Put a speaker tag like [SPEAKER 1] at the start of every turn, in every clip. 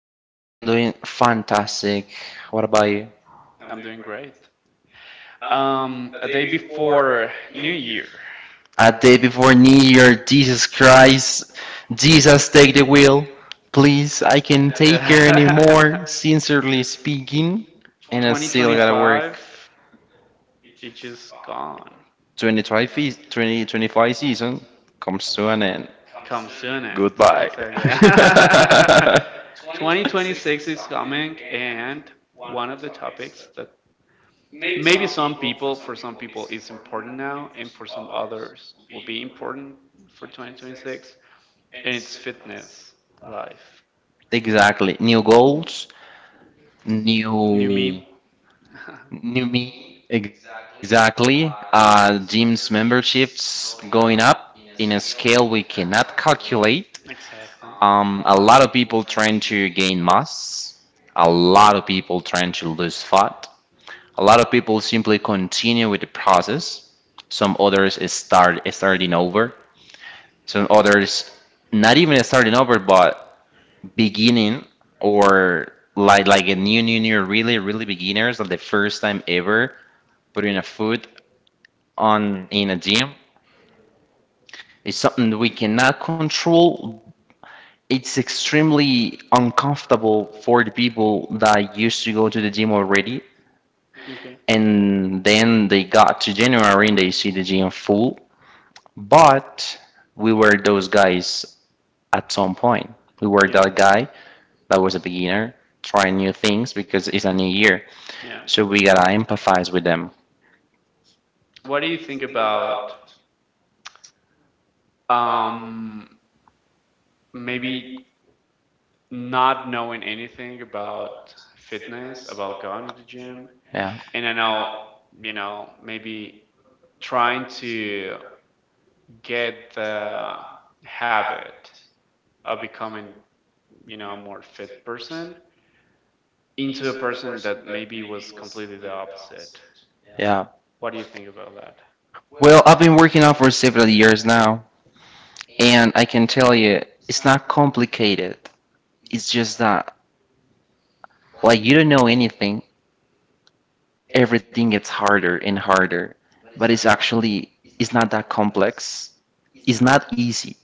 [SPEAKER 1] Hello, Andy. I'm doing fantastic. What about you?
[SPEAKER 2] I'm doing great. A day before New Year,
[SPEAKER 1] A day before New Year. Jesus Christ. Jesus, take the wheel. Please, I can not take care anymore, sincerely speaking. And I still gotta
[SPEAKER 2] 2025,
[SPEAKER 1] work.
[SPEAKER 2] it just gone.
[SPEAKER 1] 2025, season comes to an end.
[SPEAKER 2] Come soon, and
[SPEAKER 1] Goodbye.
[SPEAKER 2] exactly. 2026 is coming, and one of the topics that maybe some people, for some people, is important now, and for some others, will be important for 2026. And it's fitness, life,
[SPEAKER 1] exactly. New goals,
[SPEAKER 2] new
[SPEAKER 1] new
[SPEAKER 2] meme.
[SPEAKER 1] New me, exactly. Gym's memberships going up in a scale we cannot calculate.
[SPEAKER 2] Exactly.
[SPEAKER 1] A lot of people trying to gain mass, a lot of people trying to lose fat, a lot of people simply continue with the process. Some others is starting over. Some others not even starting over, but beginning or like a new really beginners like the first time ever putting a foot on in a gym. It's something that we cannot control. It's extremely uncomfortable for the people that used to go to the gym already,
[SPEAKER 2] Okay.
[SPEAKER 1] and then they got to January and they see the gym full. But we were those guys at some point. We were
[SPEAKER 2] Yeah.
[SPEAKER 1] that guy that was a beginner trying new things because it's a new year.
[SPEAKER 2] Yeah.
[SPEAKER 1] So we gotta empathize with them.
[SPEAKER 2] What do you think about um, maybe not knowing anything about fitness, about going to the gym?
[SPEAKER 1] Yeah.
[SPEAKER 2] And I know, maybe trying to get the habit of becoming more fit person into a person that maybe was completely the opposite.
[SPEAKER 1] Yeah.
[SPEAKER 2] What do you think about that?
[SPEAKER 1] Well, I've been working out for several years now. And I can tell you, it's not complicated. It's just that, like, you don't know anything, everything gets harder and harder. But it's actually, it's not that complex. It's not easy.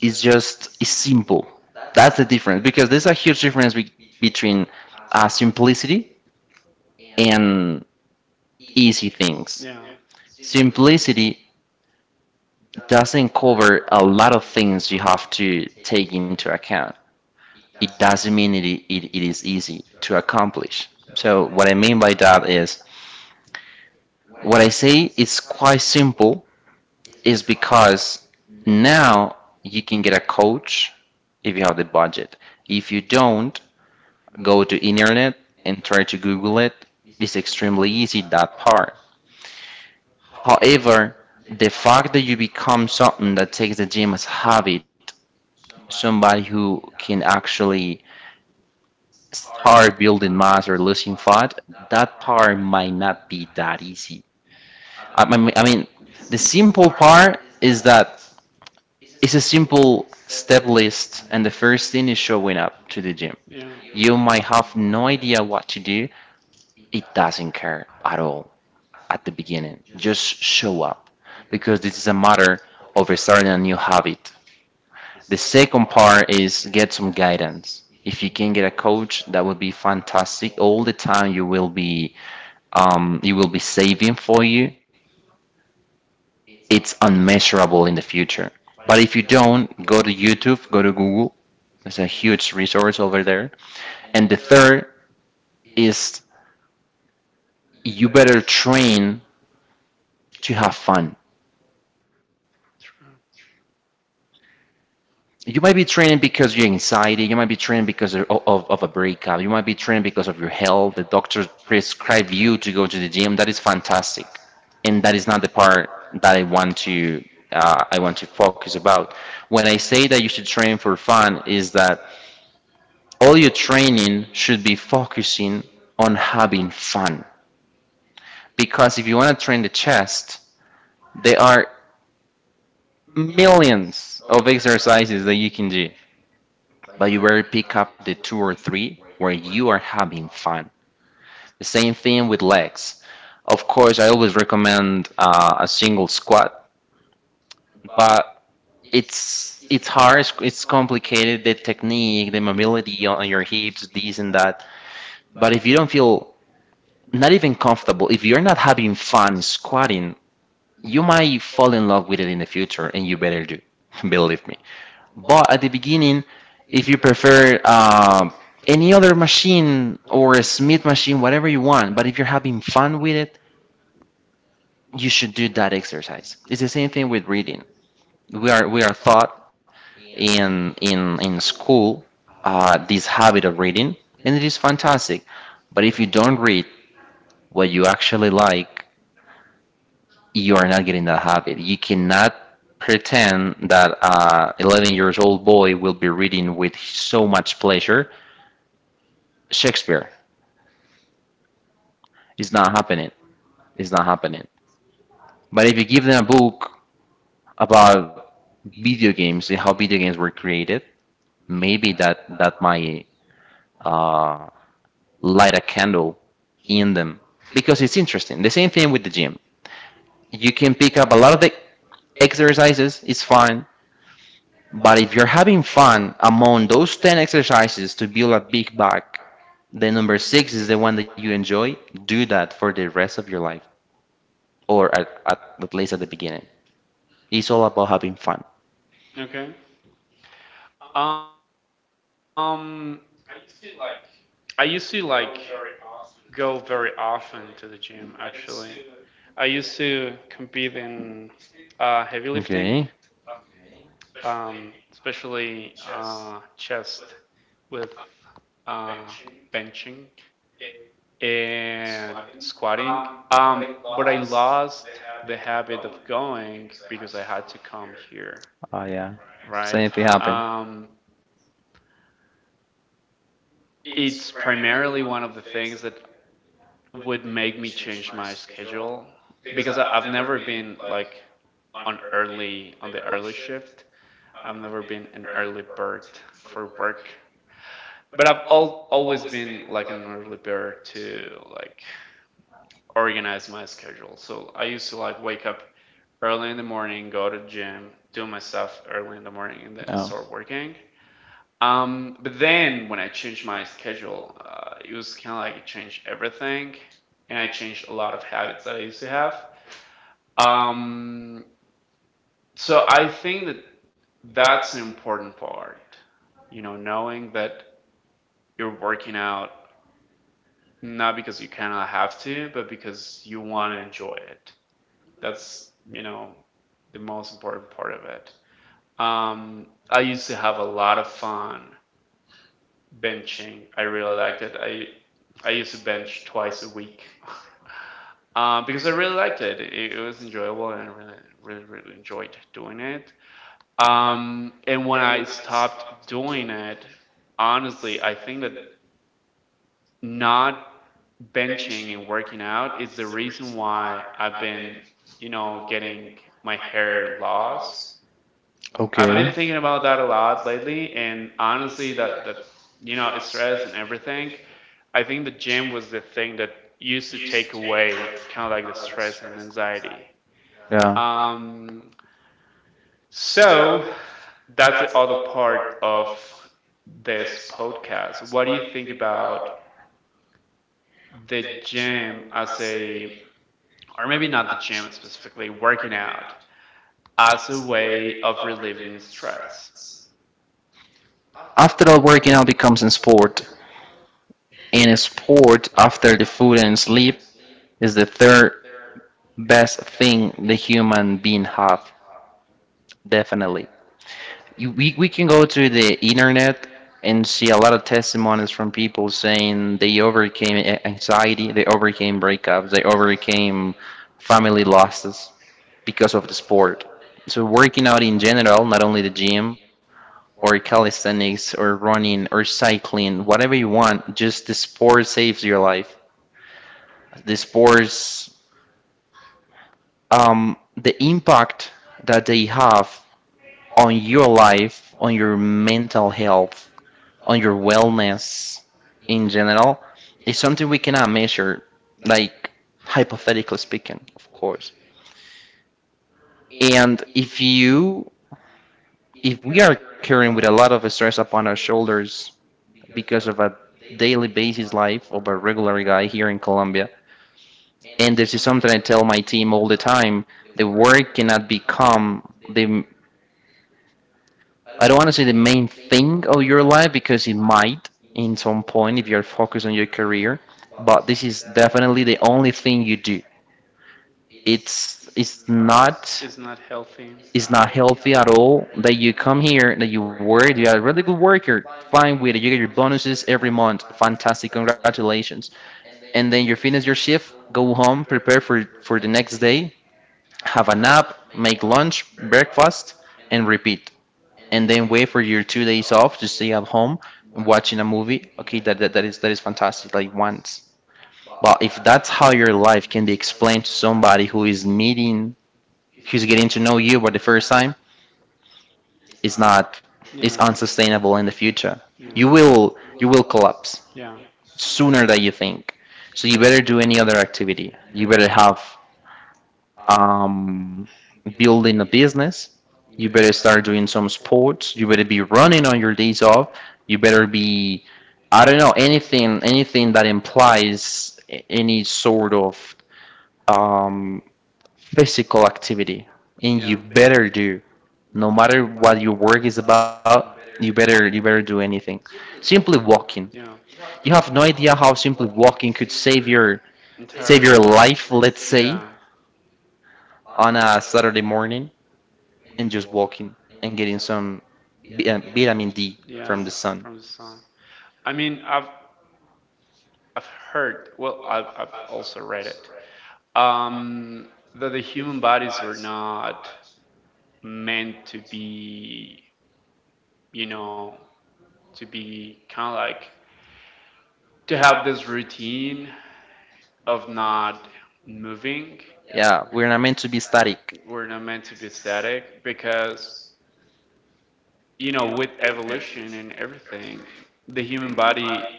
[SPEAKER 1] It's just, it's simple. That's the difference because there's a huge difference between simplicity and easy things.
[SPEAKER 2] Yeah,
[SPEAKER 1] Simplicity doesn't cover a lot of things you have to take into account. It doesn't mean it is easy to accomplish. So, what I mean by that is, what I say is quite simple is because now you can get a coach if you have the budget. If you don't, go to internet and try to Google it. It's extremely easy, that part. However, the fact that you become something that takes the gym as a habit, somebody who can actually start building mass or losing fat, that part might not be that easy. I mean, the simple part is that it's a simple step list, and the first thing is showing up to the gym.
[SPEAKER 2] yeah,
[SPEAKER 1] You might have no idea what to do, it doesn't care at all at the beginning. Just show up because this is a matter of starting a new habit. The second part is get some guidance. If you can get a coach, that would be fantastic. All the time you will be saving for you, it's unmeasurable in the future. But if you don't, go to YouTube, go to Google. There's a huge resource over there. And the third is you better train to have fun.
[SPEAKER 2] true.
[SPEAKER 1] You might be training because of your anxiety. You might be training because of a breakup. You might be training because of your health. The doctor prescribe you to go to the gym. That is fantastic. And that is not the part that I want to focus about. When I say that you should train for fun is that all your training should be focusing on having fun. Because if you want to train the chest there are millions of exercises that you can do, but you better pick up the two or three where you are having fun. The same thing with legs. Of course, I always recommend a single squat, but it's hard, it's complicated, the technique, the mobility on your hips, this and that. But if you don't feel not even comfortable, if you're not having fun squatting, you might fall in love with it in the future, and you better do, believe me. But at the beginning, if you prefer any other machine or a Smith machine, whatever you want, but if you're having fun with it, you should do that exercise. It's the same thing with reading. We are taught in school this habit of reading, and it is fantastic. But if you don't read what you actually like, you are not getting that habit. You cannot pretend that 11 years old boy will be reading with so much pleasure Shakespeare. It's not happening. It's not happening. But if you give them a book about video games and how video games were created, maybe that might uh, light a candle in them because it's interesting. The same thing with the gym. You can pick up a lot of the exercises. It's fine. But if you're having fun among those 10 exercises to build a big back, the number six is the one that you enjoy. Do that for the rest of your life, or at least at the beginning. It's all about having fun.
[SPEAKER 2] Okay. Um, I used to like go very often to the gym actually. I used to compete in heavy lifting,
[SPEAKER 1] Okay.
[SPEAKER 2] especially chest with uh, benching and squatting. But I lost the habit of going because I had to come here,
[SPEAKER 1] Oh yeah.
[SPEAKER 2] right?
[SPEAKER 1] Same thing it happened.
[SPEAKER 2] Um, it's primarily one of the things that would make me change my schedule because I have never been like on the early shift. I've never been an early bird for work, but I've always been like an early bird to like organize my schedule. So I used to like wake up early in the morning, go to the gym, do my stuff early in the morning, and then
[SPEAKER 1] Oh.
[SPEAKER 2] start working. But then when I changed my schedule, it was kind of like it changed everything, and I changed a lot of habits that I used to have. Um, so I think that that's an important part, knowing that you're working out not because you kind of have to, but because you want to enjoy it. That's, you know, the most important part of it. I used to have a lot of fun benching. I really liked it. I used to bench twice a week. Because I really liked it. It was enjoyable, and I really, really, really enjoyed doing it. And when I stopped doing it, honestly, I think that not benching and working out is the reason why I've been getting my hair loss.
[SPEAKER 1] I've
[SPEAKER 2] I've
[SPEAKER 1] Okay.
[SPEAKER 2] been thinking about that a lot lately, and honestly, that, you know, stress and everything. I think the gym was the thing that used to take away kind of like the stress and anxiety.
[SPEAKER 1] Yeah.
[SPEAKER 2] Um, so that's the other part of this podcast. What do you think about the gym as a, or maybe not the gym specifically, working out as a way of relieving stress?
[SPEAKER 1] After all, working out becomes in sport. And in sport, after the food and sleep, is the third best thing the human being have. Definitely. We can go to the internet and see a lot of testimonies from people saying they overcame anxiety, they overcame breakups, they overcame family losses because of the sport. So working out in general, not only the gym or calisthenics or running or cycling, whatever you want, just the sport saves your life. The sports, the impact that they have on your life, on your mental health, on your wellness in general is something we cannot measure, like hypothetically speaking, of course. And if we are carrying with a lot of stress upon our shoulders because of a daily basis life of a regular guy here in Colombia, and this is something I tell my team all the time, the work cannot become the I don't want to say the main thing of your life because it might in some point if you're focused on your career, but this is definitely the only thing you do. It's not.
[SPEAKER 2] It's not healthy.
[SPEAKER 1] It's not healthy at all that you come here, that you work, you are a really good worker, fine with it, you get your bonuses every month, fantastic, congratulations. And then you finish your shift, go home, prepare for the next day, have a nap, make lunch, breakfast, and repeat and then wait for your 2 days off to stay at home and watching a movie. Okay, that is fantastic. Like once, but if that's how your life can be explained to somebody who is meeting, who's getting to know you for the first time, it's not, it's
[SPEAKER 2] Yeah.
[SPEAKER 1] unsustainable in the future.
[SPEAKER 2] Yeah,
[SPEAKER 1] You will collapse
[SPEAKER 2] yeah,
[SPEAKER 1] sooner than you think. So you better do any other activity. You better have um, building a business. You better start doing some sports. You better be running on your days off. You better be, I don't know, anything that implies any sort of um, physical activity. And
[SPEAKER 2] yeah.
[SPEAKER 1] you better do, no matter what your work is about. You better do anything. Simply walking.
[SPEAKER 2] Yeah. Better.
[SPEAKER 1] You have no idea how simply walking could save your save
[SPEAKER 2] Entire
[SPEAKER 1] your
[SPEAKER 2] life.
[SPEAKER 1] life. Let's say
[SPEAKER 2] Yeah,
[SPEAKER 1] on a Saturday morning and just walking and getting some vitamin D
[SPEAKER 2] yeah.
[SPEAKER 1] from the sun.
[SPEAKER 2] From the sun. I mean, I've heard. Well, I've also read it. Um, that the human bodies are not meant you know, to be kind of like to have this routine of not moving.
[SPEAKER 1] Yeah, we're not meant to be static.
[SPEAKER 2] We're not meant to be static because, with evolution and everything, the human body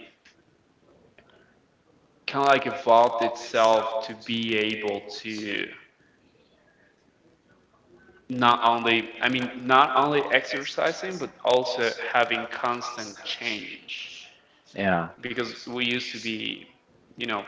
[SPEAKER 2] kind of like evolved itself to be able to not only exercising, but also having constant change,
[SPEAKER 1] Yeah.
[SPEAKER 2] because we used to be, you know,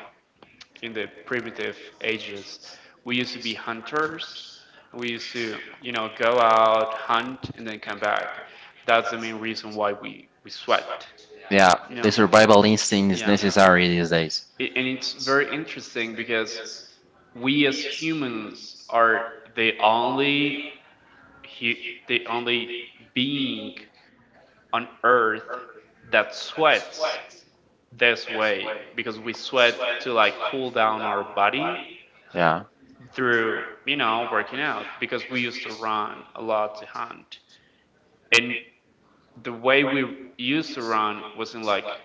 [SPEAKER 2] in the primitive ages. We used to be hunters. We used to, go out, hunt, and then come back. That's the main reason why we sweat,
[SPEAKER 1] Yeah,
[SPEAKER 2] you
[SPEAKER 1] the
[SPEAKER 2] know.
[SPEAKER 1] survival instinct is
[SPEAKER 2] Yeah.
[SPEAKER 1] necessary these days.
[SPEAKER 2] And it's very interesting because we as humans are the only he the only being on earth that sweats this way, because we sweat to like cool down our body
[SPEAKER 1] Yeah.
[SPEAKER 2] through working out, because we used to run a lot to hunt. And the way we used to run wasn't like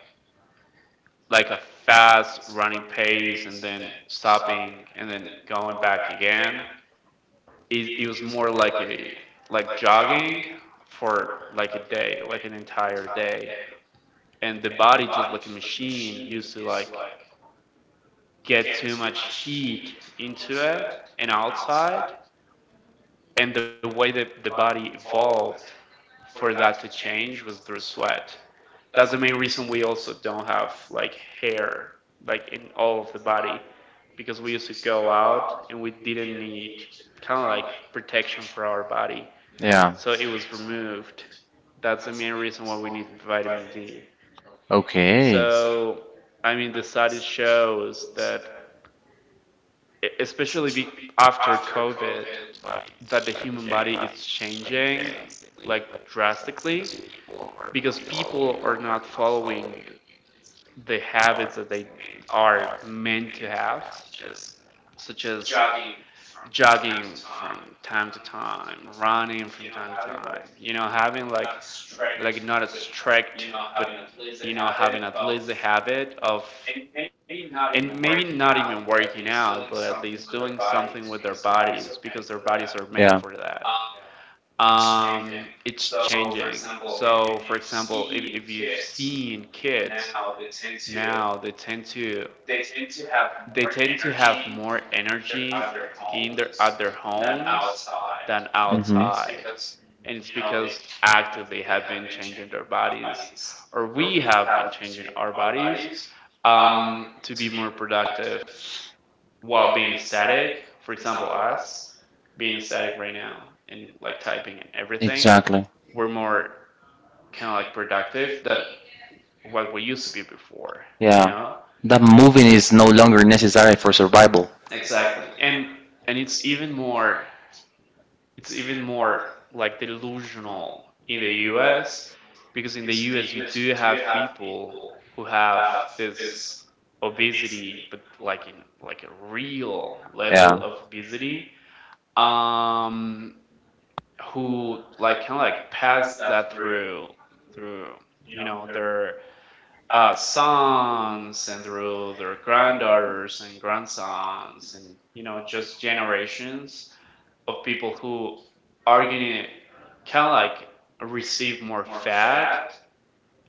[SPEAKER 2] a fast running pace and then stopping and then going back again. It was more like a like jogging for like a day, like an entire day. And the body, just like a machine, used to like get too much heat into it and outside, and the way that the body evolved for that to change was through sweat. That's the main reason we also don't have like hair like in all of the body, because we used to go out and we didn't need kind of like protection for our body.
[SPEAKER 1] Yeah.
[SPEAKER 2] So it was removed. That's the main reason why we need vitamin D.
[SPEAKER 1] Okay.
[SPEAKER 2] So I mean the study shows that especially be after COVID, that the human body is changing like drastically, because people are not following the habits that they are meant to have, such as jogging from time to time, running from time to time, having like not a strict, but having at least the habit of, and maybe not even working out, but at least doing something with their bodies, because their bodies are
[SPEAKER 1] Yeah.
[SPEAKER 2] meant for that. It's changing. So, for example, if you've seen kids now, they tend to have more energy in their at their homes than
[SPEAKER 1] Mm-hmm.
[SPEAKER 2] outside, and it's because actively have been changing their bodies, or we have been changing our bodies to be more productive while being static. For example, us being static right now and like typing and everything,
[SPEAKER 1] Exactly.
[SPEAKER 2] we're more kind of like productive than what we used to be before, you know?
[SPEAKER 1] Yeah. That moving is no longer necessary for survival.
[SPEAKER 2] Exactly. And it's even more like delusional in the US, because in the US you do have people who have this obesity, but like in like a real level
[SPEAKER 1] Yeah.
[SPEAKER 2] of obesity, um who like kind of like pass that through their sons, and through their granddaughters and grandsons, and just generations of people who are gonna kind of like receive more fat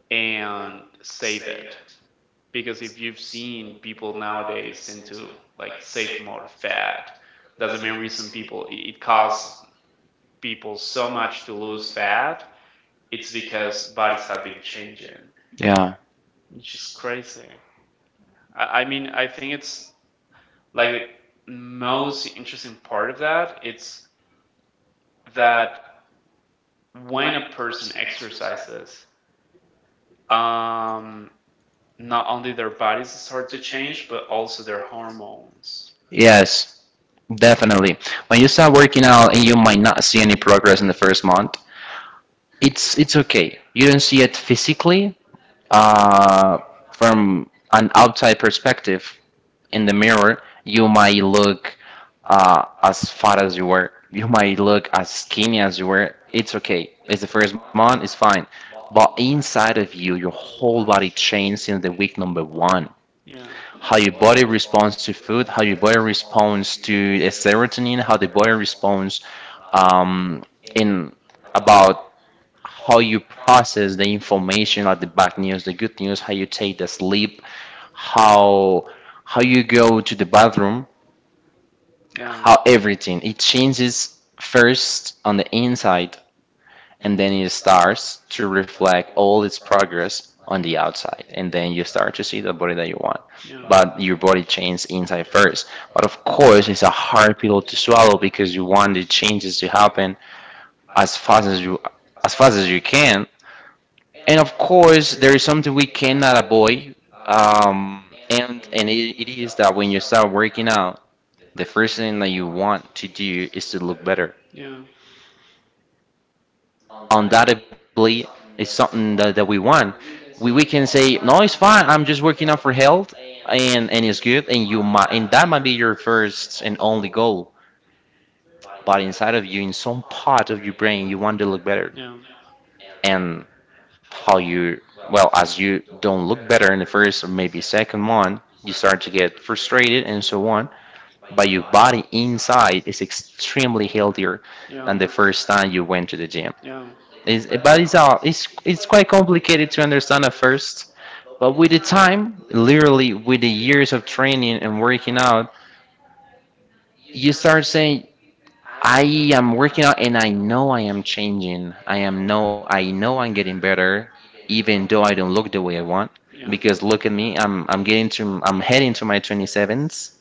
[SPEAKER 2] and save it. Because if you've seen people nowadays into like save more fat, that's the main reason people, it costs people so much to lose fat, it's because bodies have been changing,
[SPEAKER 1] Yeah.
[SPEAKER 2] which is crazy. I mean, I think it's like the most interesting part of that. It's that when a person exercises, um, not only their bodies start to change, but also their hormones.
[SPEAKER 1] Yes, definitely. When you start working out and you might not see any progress in the first month. It's okay. You don't see it physically. Uh, from an outside perspective in the mirror, you might look as fat as you were. You might look as skinny as you were. It's okay. It's the first month. It's fine. But inside of you, your whole body changed since the week number one.
[SPEAKER 2] Yeah,
[SPEAKER 1] How your body responds to food, how your body responds to serotonin, how the body responds um, in about how you process the information, like the bad news, the good news, how you take the sleep, how how you go to the bathroom,
[SPEAKER 2] yeah,
[SPEAKER 1] how everything it changes first on the inside, and then it starts to reflect all its progress on the outside, and then you start to see the body that you want,
[SPEAKER 2] yeah,
[SPEAKER 1] but your body changes inside first. But of course it's a hard pill to swallow because you want the changes to happen as fast as you as fast as you can. And of course, there is something we cannot avoid, and it is that when you start working out, the first thing that you want to do is to look better.
[SPEAKER 2] yeah,
[SPEAKER 1] Undoubtedly, it's something that we want. We can say, no, it's fine. I'm just working out for health, and it's good. And you might, and that might be your first and only goal. But inside of you, in some part of your brain, you want to look better.
[SPEAKER 2] yeah,
[SPEAKER 1] And how you well as you don't look better in the first or maybe second one, you start to get frustrated and so on, but your body inside is extremely healthier than
[SPEAKER 2] yeah,
[SPEAKER 1] the first
[SPEAKER 2] the
[SPEAKER 1] time you went to the gym.
[SPEAKER 2] yeah.
[SPEAKER 1] It's, but it's all it's it's quite complicated to understand at first, but with the time, literally with the years of training and working out, you start saying, "I am working out and I know I am changing. I am no I know I'm getting better even though I don't look the way I want,
[SPEAKER 2] Yeah.
[SPEAKER 1] because look at me, I'm getting to, I'm heading to my 27s,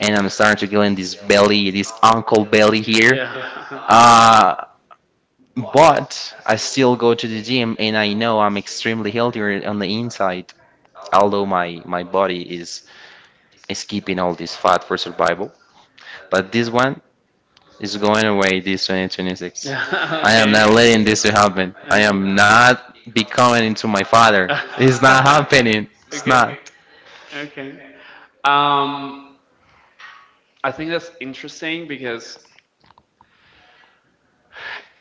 [SPEAKER 1] and I'm starting to get in this belly, this uncle belly here."
[SPEAKER 2] Yeah.
[SPEAKER 1] Uh but I still go to the gym and I know I'm extremely healthier on the inside, although my body is keeping all this fat for survival. But this one, it's going away this 2026. I am not
[SPEAKER 2] okay.
[SPEAKER 1] letting this to happen. I am
[SPEAKER 2] Okay. am
[SPEAKER 1] not becoming into my father. It's not happening. It's
[SPEAKER 2] Okay.
[SPEAKER 1] not.
[SPEAKER 2] Okay. Um, I think that's interesting, because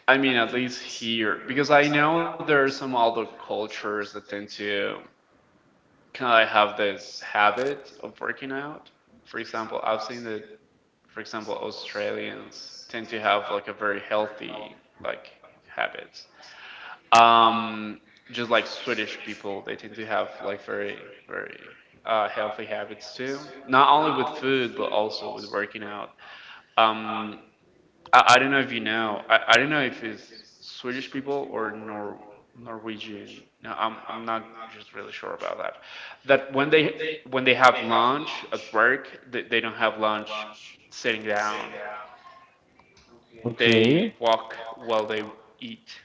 [SPEAKER 2] I mean, at least here, because I know there are some other cultures that tend to kind of have this habit of working out. For example, I've seen that, for example, Australians tend to have like a very healthy like habits. Um, just like Swedish people, they tend to have like very very healthy habits too. Not only with food, but also with working out. Um, I don't know if you know. I don't know if it's Swedish people or Norwegian. No, I'm not just really sure about that. That when they have lunch at work, they don't have lunch sitting down.
[SPEAKER 1] Okay.
[SPEAKER 2] They walk while they eat.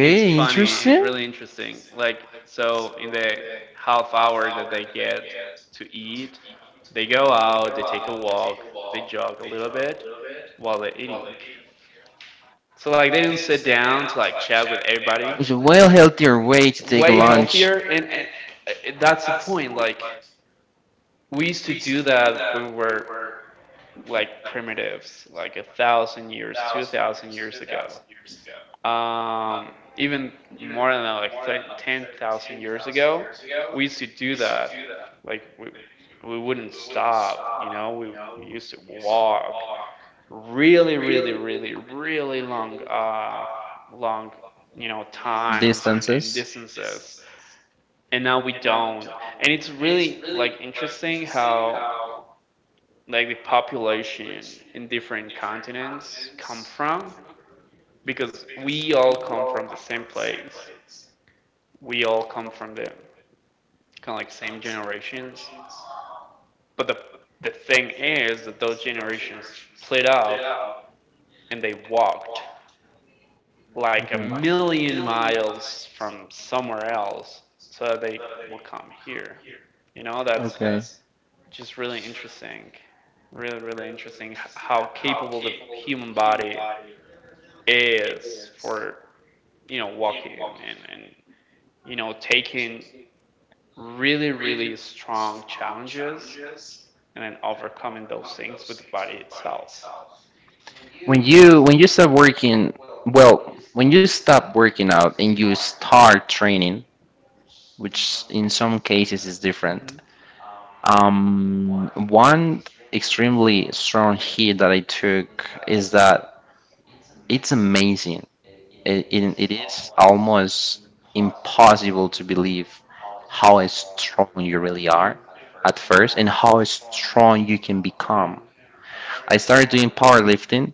[SPEAKER 2] It's funny. It's
[SPEAKER 1] interesting.
[SPEAKER 2] really interesting. Like so, in the half hour that they get to eat, they go out, they take a walk, they jog a little bit while they're eating. So like they didn't sit down to like chat with everybody.
[SPEAKER 1] It's a well healthier way to take
[SPEAKER 2] Way
[SPEAKER 1] lunch.
[SPEAKER 2] healthier, and, that's the point. Like we used to do that when we were like primitives, like 1,000 years, 2,000 years ago. Even more than that, like 10,000 years ago, we used to do that. Like we wouldn't stop, we used to walk really, really, really, really long, times and
[SPEAKER 1] Distances.
[SPEAKER 2] distances. And now we don't. And it's really like interesting how like the population in different continents come from, because we all come from the same place, we all come from the kind of like same generations. But the thing is that those generations split up and they walked like a million miles from somewhere else so that they will come here. That's just really interesting. Really, really interesting how capable the human body is for, walking and taking really, really strong challenges, and then overcoming those things with the body itself.
[SPEAKER 1] When you stop working, well, when you stop working out and you start training, which in some cases is different,
[SPEAKER 2] Hmm.
[SPEAKER 1] One extremely strong hit that I took is that it's amazing. It is almost impossible to believe how strong you really
[SPEAKER 2] Yeah,
[SPEAKER 1] are at first, and how strong you can
[SPEAKER 2] yeah.
[SPEAKER 1] become. I started doing powerlifting,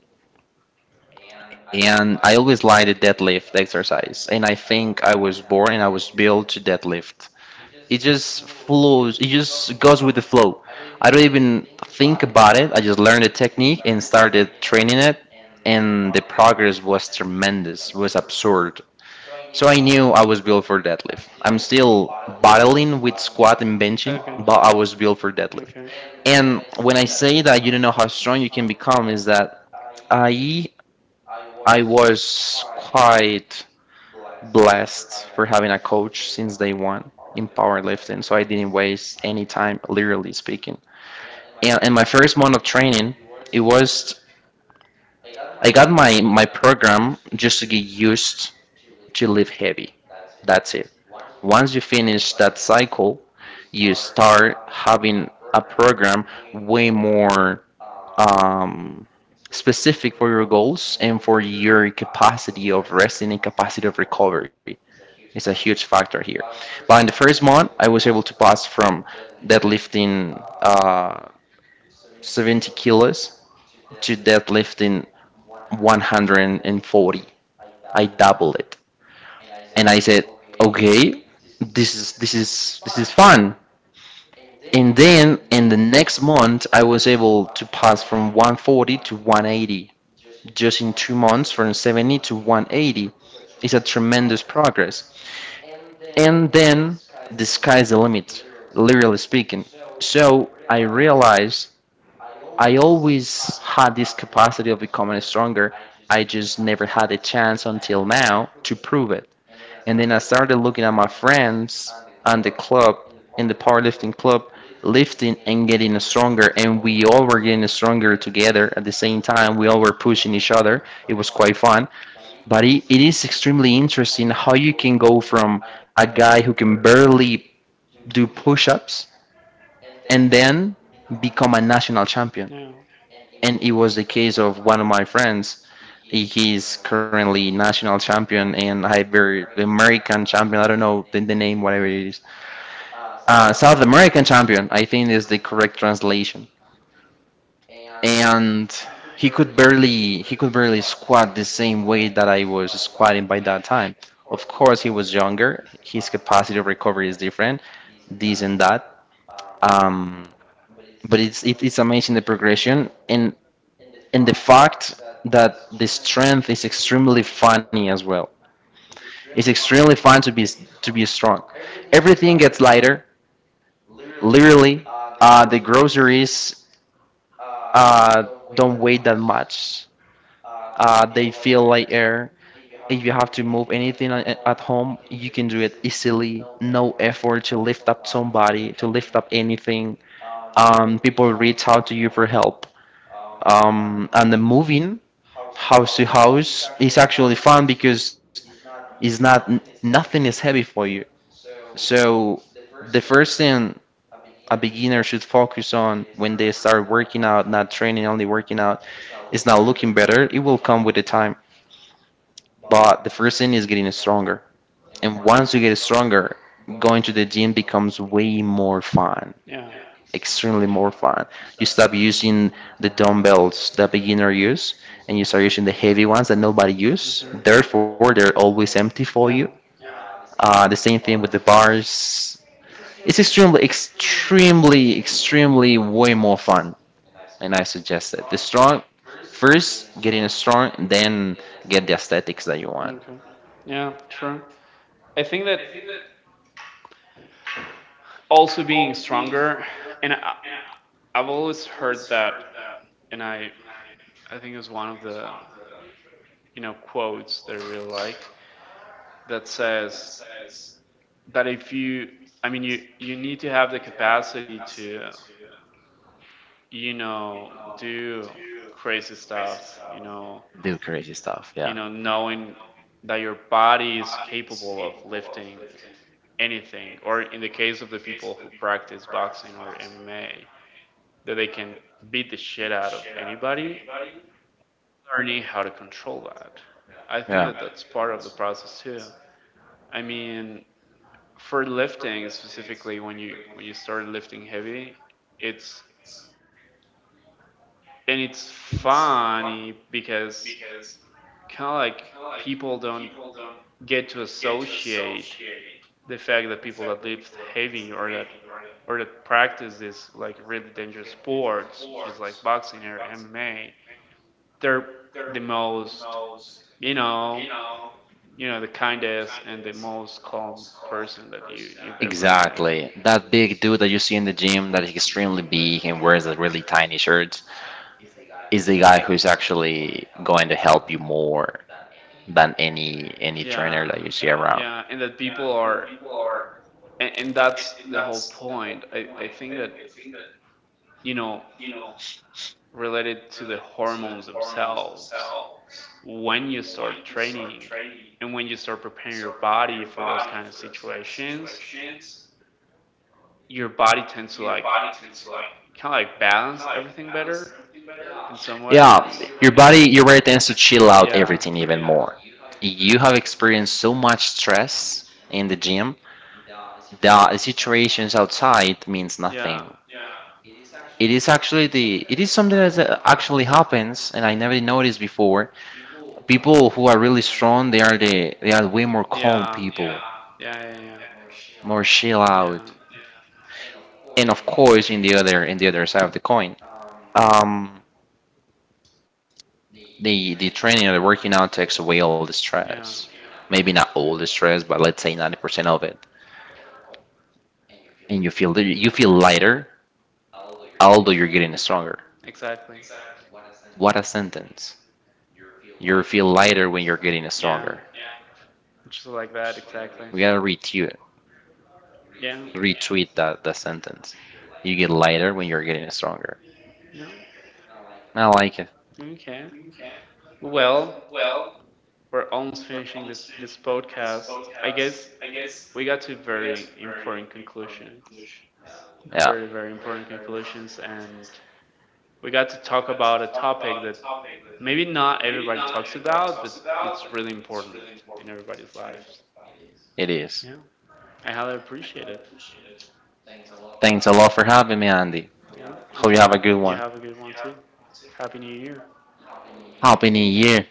[SPEAKER 1] and I always liked the deadlift exercise, and I think I was born and I was built to deadlift. It just flows. It just goes with the flow. I don't even think about it. I just learned the technique and started training it, and the progress was tremendous. It was absurd. So I knew I was built for deadlift. I'm still battling with squat and benching,
[SPEAKER 2] That.
[SPEAKER 1] but I was built for deadlift.
[SPEAKER 2] Okay.
[SPEAKER 1] And when I say that you don't know how strong you can become, is that I I was quite blessed for having a coach since day one in powerlifting, so I didn't waste any time, literally speaking. And in my first month of training, it was, I got my program just to get used to lift heavy. That's it. Once you finish that cycle, you start having a program way more, um, specific for your goals and for your capacity of resting and capacity of recovery. It's a huge factor here. But in the first month, I was able to pass from deadlifting 70 kilos to deadlifting 140. I doubled it, and I said, "Okay, this is fun." And then in the next month, I was able to pass from 140 to 180. Just in 2 months, from 70 to 180, it's a tremendous progress. And then the sky's the limit, literally speaking. So I realized I always had this capacity of becoming stronger. I just never had a chance until now to prove it. And then I started looking at my friends and the club, in the powerlifting club, lifting and getting stronger. And we all were getting stronger together at the same time. We all were pushing each other. It was quite fun. But it is extremely interesting how you can go from a guy who can barely do push ups and then become a national champion.
[SPEAKER 2] Yeah,
[SPEAKER 1] And it was the case of one of my friends. He's currently national champion, and I American champion. I don't know the name, whatever it is. South American champion, I think is the correct translation. And he could barely squat the same way that I was squatting by that time. Of course, he was younger. His capacity of recovery is different, this and that. Um, but it's amazing the progression, and the fact that the strength is extremely funny as well. It's extremely fun to be strong. Everything gets lighter, literally. The groceries uh, don't weigh that much. They feel like air. If you have to move anything at home, you can do it easily. No effort to lift up somebody, to lift up anything. People reach out to you for help. And the moving house to house is actually fun because it's not, nothing is heavy for you. So the first thing a beginner should focus on when they start working out, not training, only working out, is not looking better. It will come with the time. But the first thing is getting stronger. And once you get stronger, going to the gym becomes way more fun,
[SPEAKER 2] yeah.
[SPEAKER 1] extremely more fun. You stop using the dumbbells that beginner use, and you start using the heavy ones that nobody use.
[SPEAKER 2] Mhm.
[SPEAKER 1] Therefore, they're always empty for you.
[SPEAKER 2] Yeah.
[SPEAKER 1] The same thing with the bars. It's extremely, extremely, extremely way more fun, and I suggest it. The strong, first getting strong, and then get the aesthetics that you want.
[SPEAKER 2] Okay. Yeah, true. I think that also being stronger, and I've always heard that, and I think it was one of the quotes that I really like, that says that if you I mean you need to have the capacity to do crazy stuff,
[SPEAKER 1] Do crazy stuff. Yeah,
[SPEAKER 2] knowing that your body is capable of lifting anything, or in the case of the people who practice boxing or MMA, that they can beat the shit out of anybody, learning how to control that. I think that
[SPEAKER 1] yeah.
[SPEAKER 2] that's part of the process too. I mean, for lifting specifically, when you start lifting heavy, it's and it's funny because kind of like people don't get to associate the fact that people that lift heavy, or that practice this like really dangerous sports just like boxing or MMA, they're the most you know the kindest and the most calm person that you, exactly, you've ever met.
[SPEAKER 1] Exactly. That big dude that you see in the gym that is extremely big and wears a really tiny shirt is the guy who's actually going to help you more than any trainer
[SPEAKER 2] Yeah,
[SPEAKER 1] that you see around.
[SPEAKER 2] yeah, and that people are, and, that's the whole point. I think that, you know, related to the hormones themselves, when you start training and when you start preparing your body for those kind of situations, your body tends to like kind of like balance everything better in some way.
[SPEAKER 1] Yeah, your body tends to chill out
[SPEAKER 2] Yeah,
[SPEAKER 1] everything even more. You have experienced so much stress in the gym that the situations outside means
[SPEAKER 2] yeah,
[SPEAKER 1] nothing. It is actually the it is something that actually happens, and I never noticed before, people who are really strong,
[SPEAKER 2] they,
[SPEAKER 1] they are way more calm
[SPEAKER 2] yeah,
[SPEAKER 1] people, yeah.
[SPEAKER 2] yeah, yeah,
[SPEAKER 1] More chill
[SPEAKER 2] yeah, yeah,
[SPEAKER 1] out. And of course, in the other side of the coin, um the training or the working out takes away all the
[SPEAKER 2] yeah,
[SPEAKER 1] stress, maybe not all the stress but let's say 90% of it, and you feel lighter although you're getting stronger.
[SPEAKER 2] exactly.
[SPEAKER 1] What a sentence. You feel lighter when you're getting
[SPEAKER 2] Yeah,
[SPEAKER 1] stronger.
[SPEAKER 2] just like that, exactly.
[SPEAKER 1] We gotta retweet,
[SPEAKER 2] Yeah.
[SPEAKER 1] retweet that that sentence. You get lighter when you're getting stronger.
[SPEAKER 2] Yeah.
[SPEAKER 1] I like it.
[SPEAKER 2] Okay. Well, we're almost finishing this podcast. I guess we got to very important conclusions,
[SPEAKER 1] Yeah,
[SPEAKER 2] very very important conclusions, and we got to talk about a topic that maybe not everybody talks about, but it's really important in everybody's lives.
[SPEAKER 1] it is.
[SPEAKER 2] Yeah, I highly appreciate it.
[SPEAKER 1] Thanks a lot for having me, Andy.
[SPEAKER 2] Yeah, you
[SPEAKER 1] Hope
[SPEAKER 2] too.
[SPEAKER 1] you have a good
[SPEAKER 2] You
[SPEAKER 1] one.
[SPEAKER 2] have a good one too. Happy New Year.
[SPEAKER 1] Happy New Year.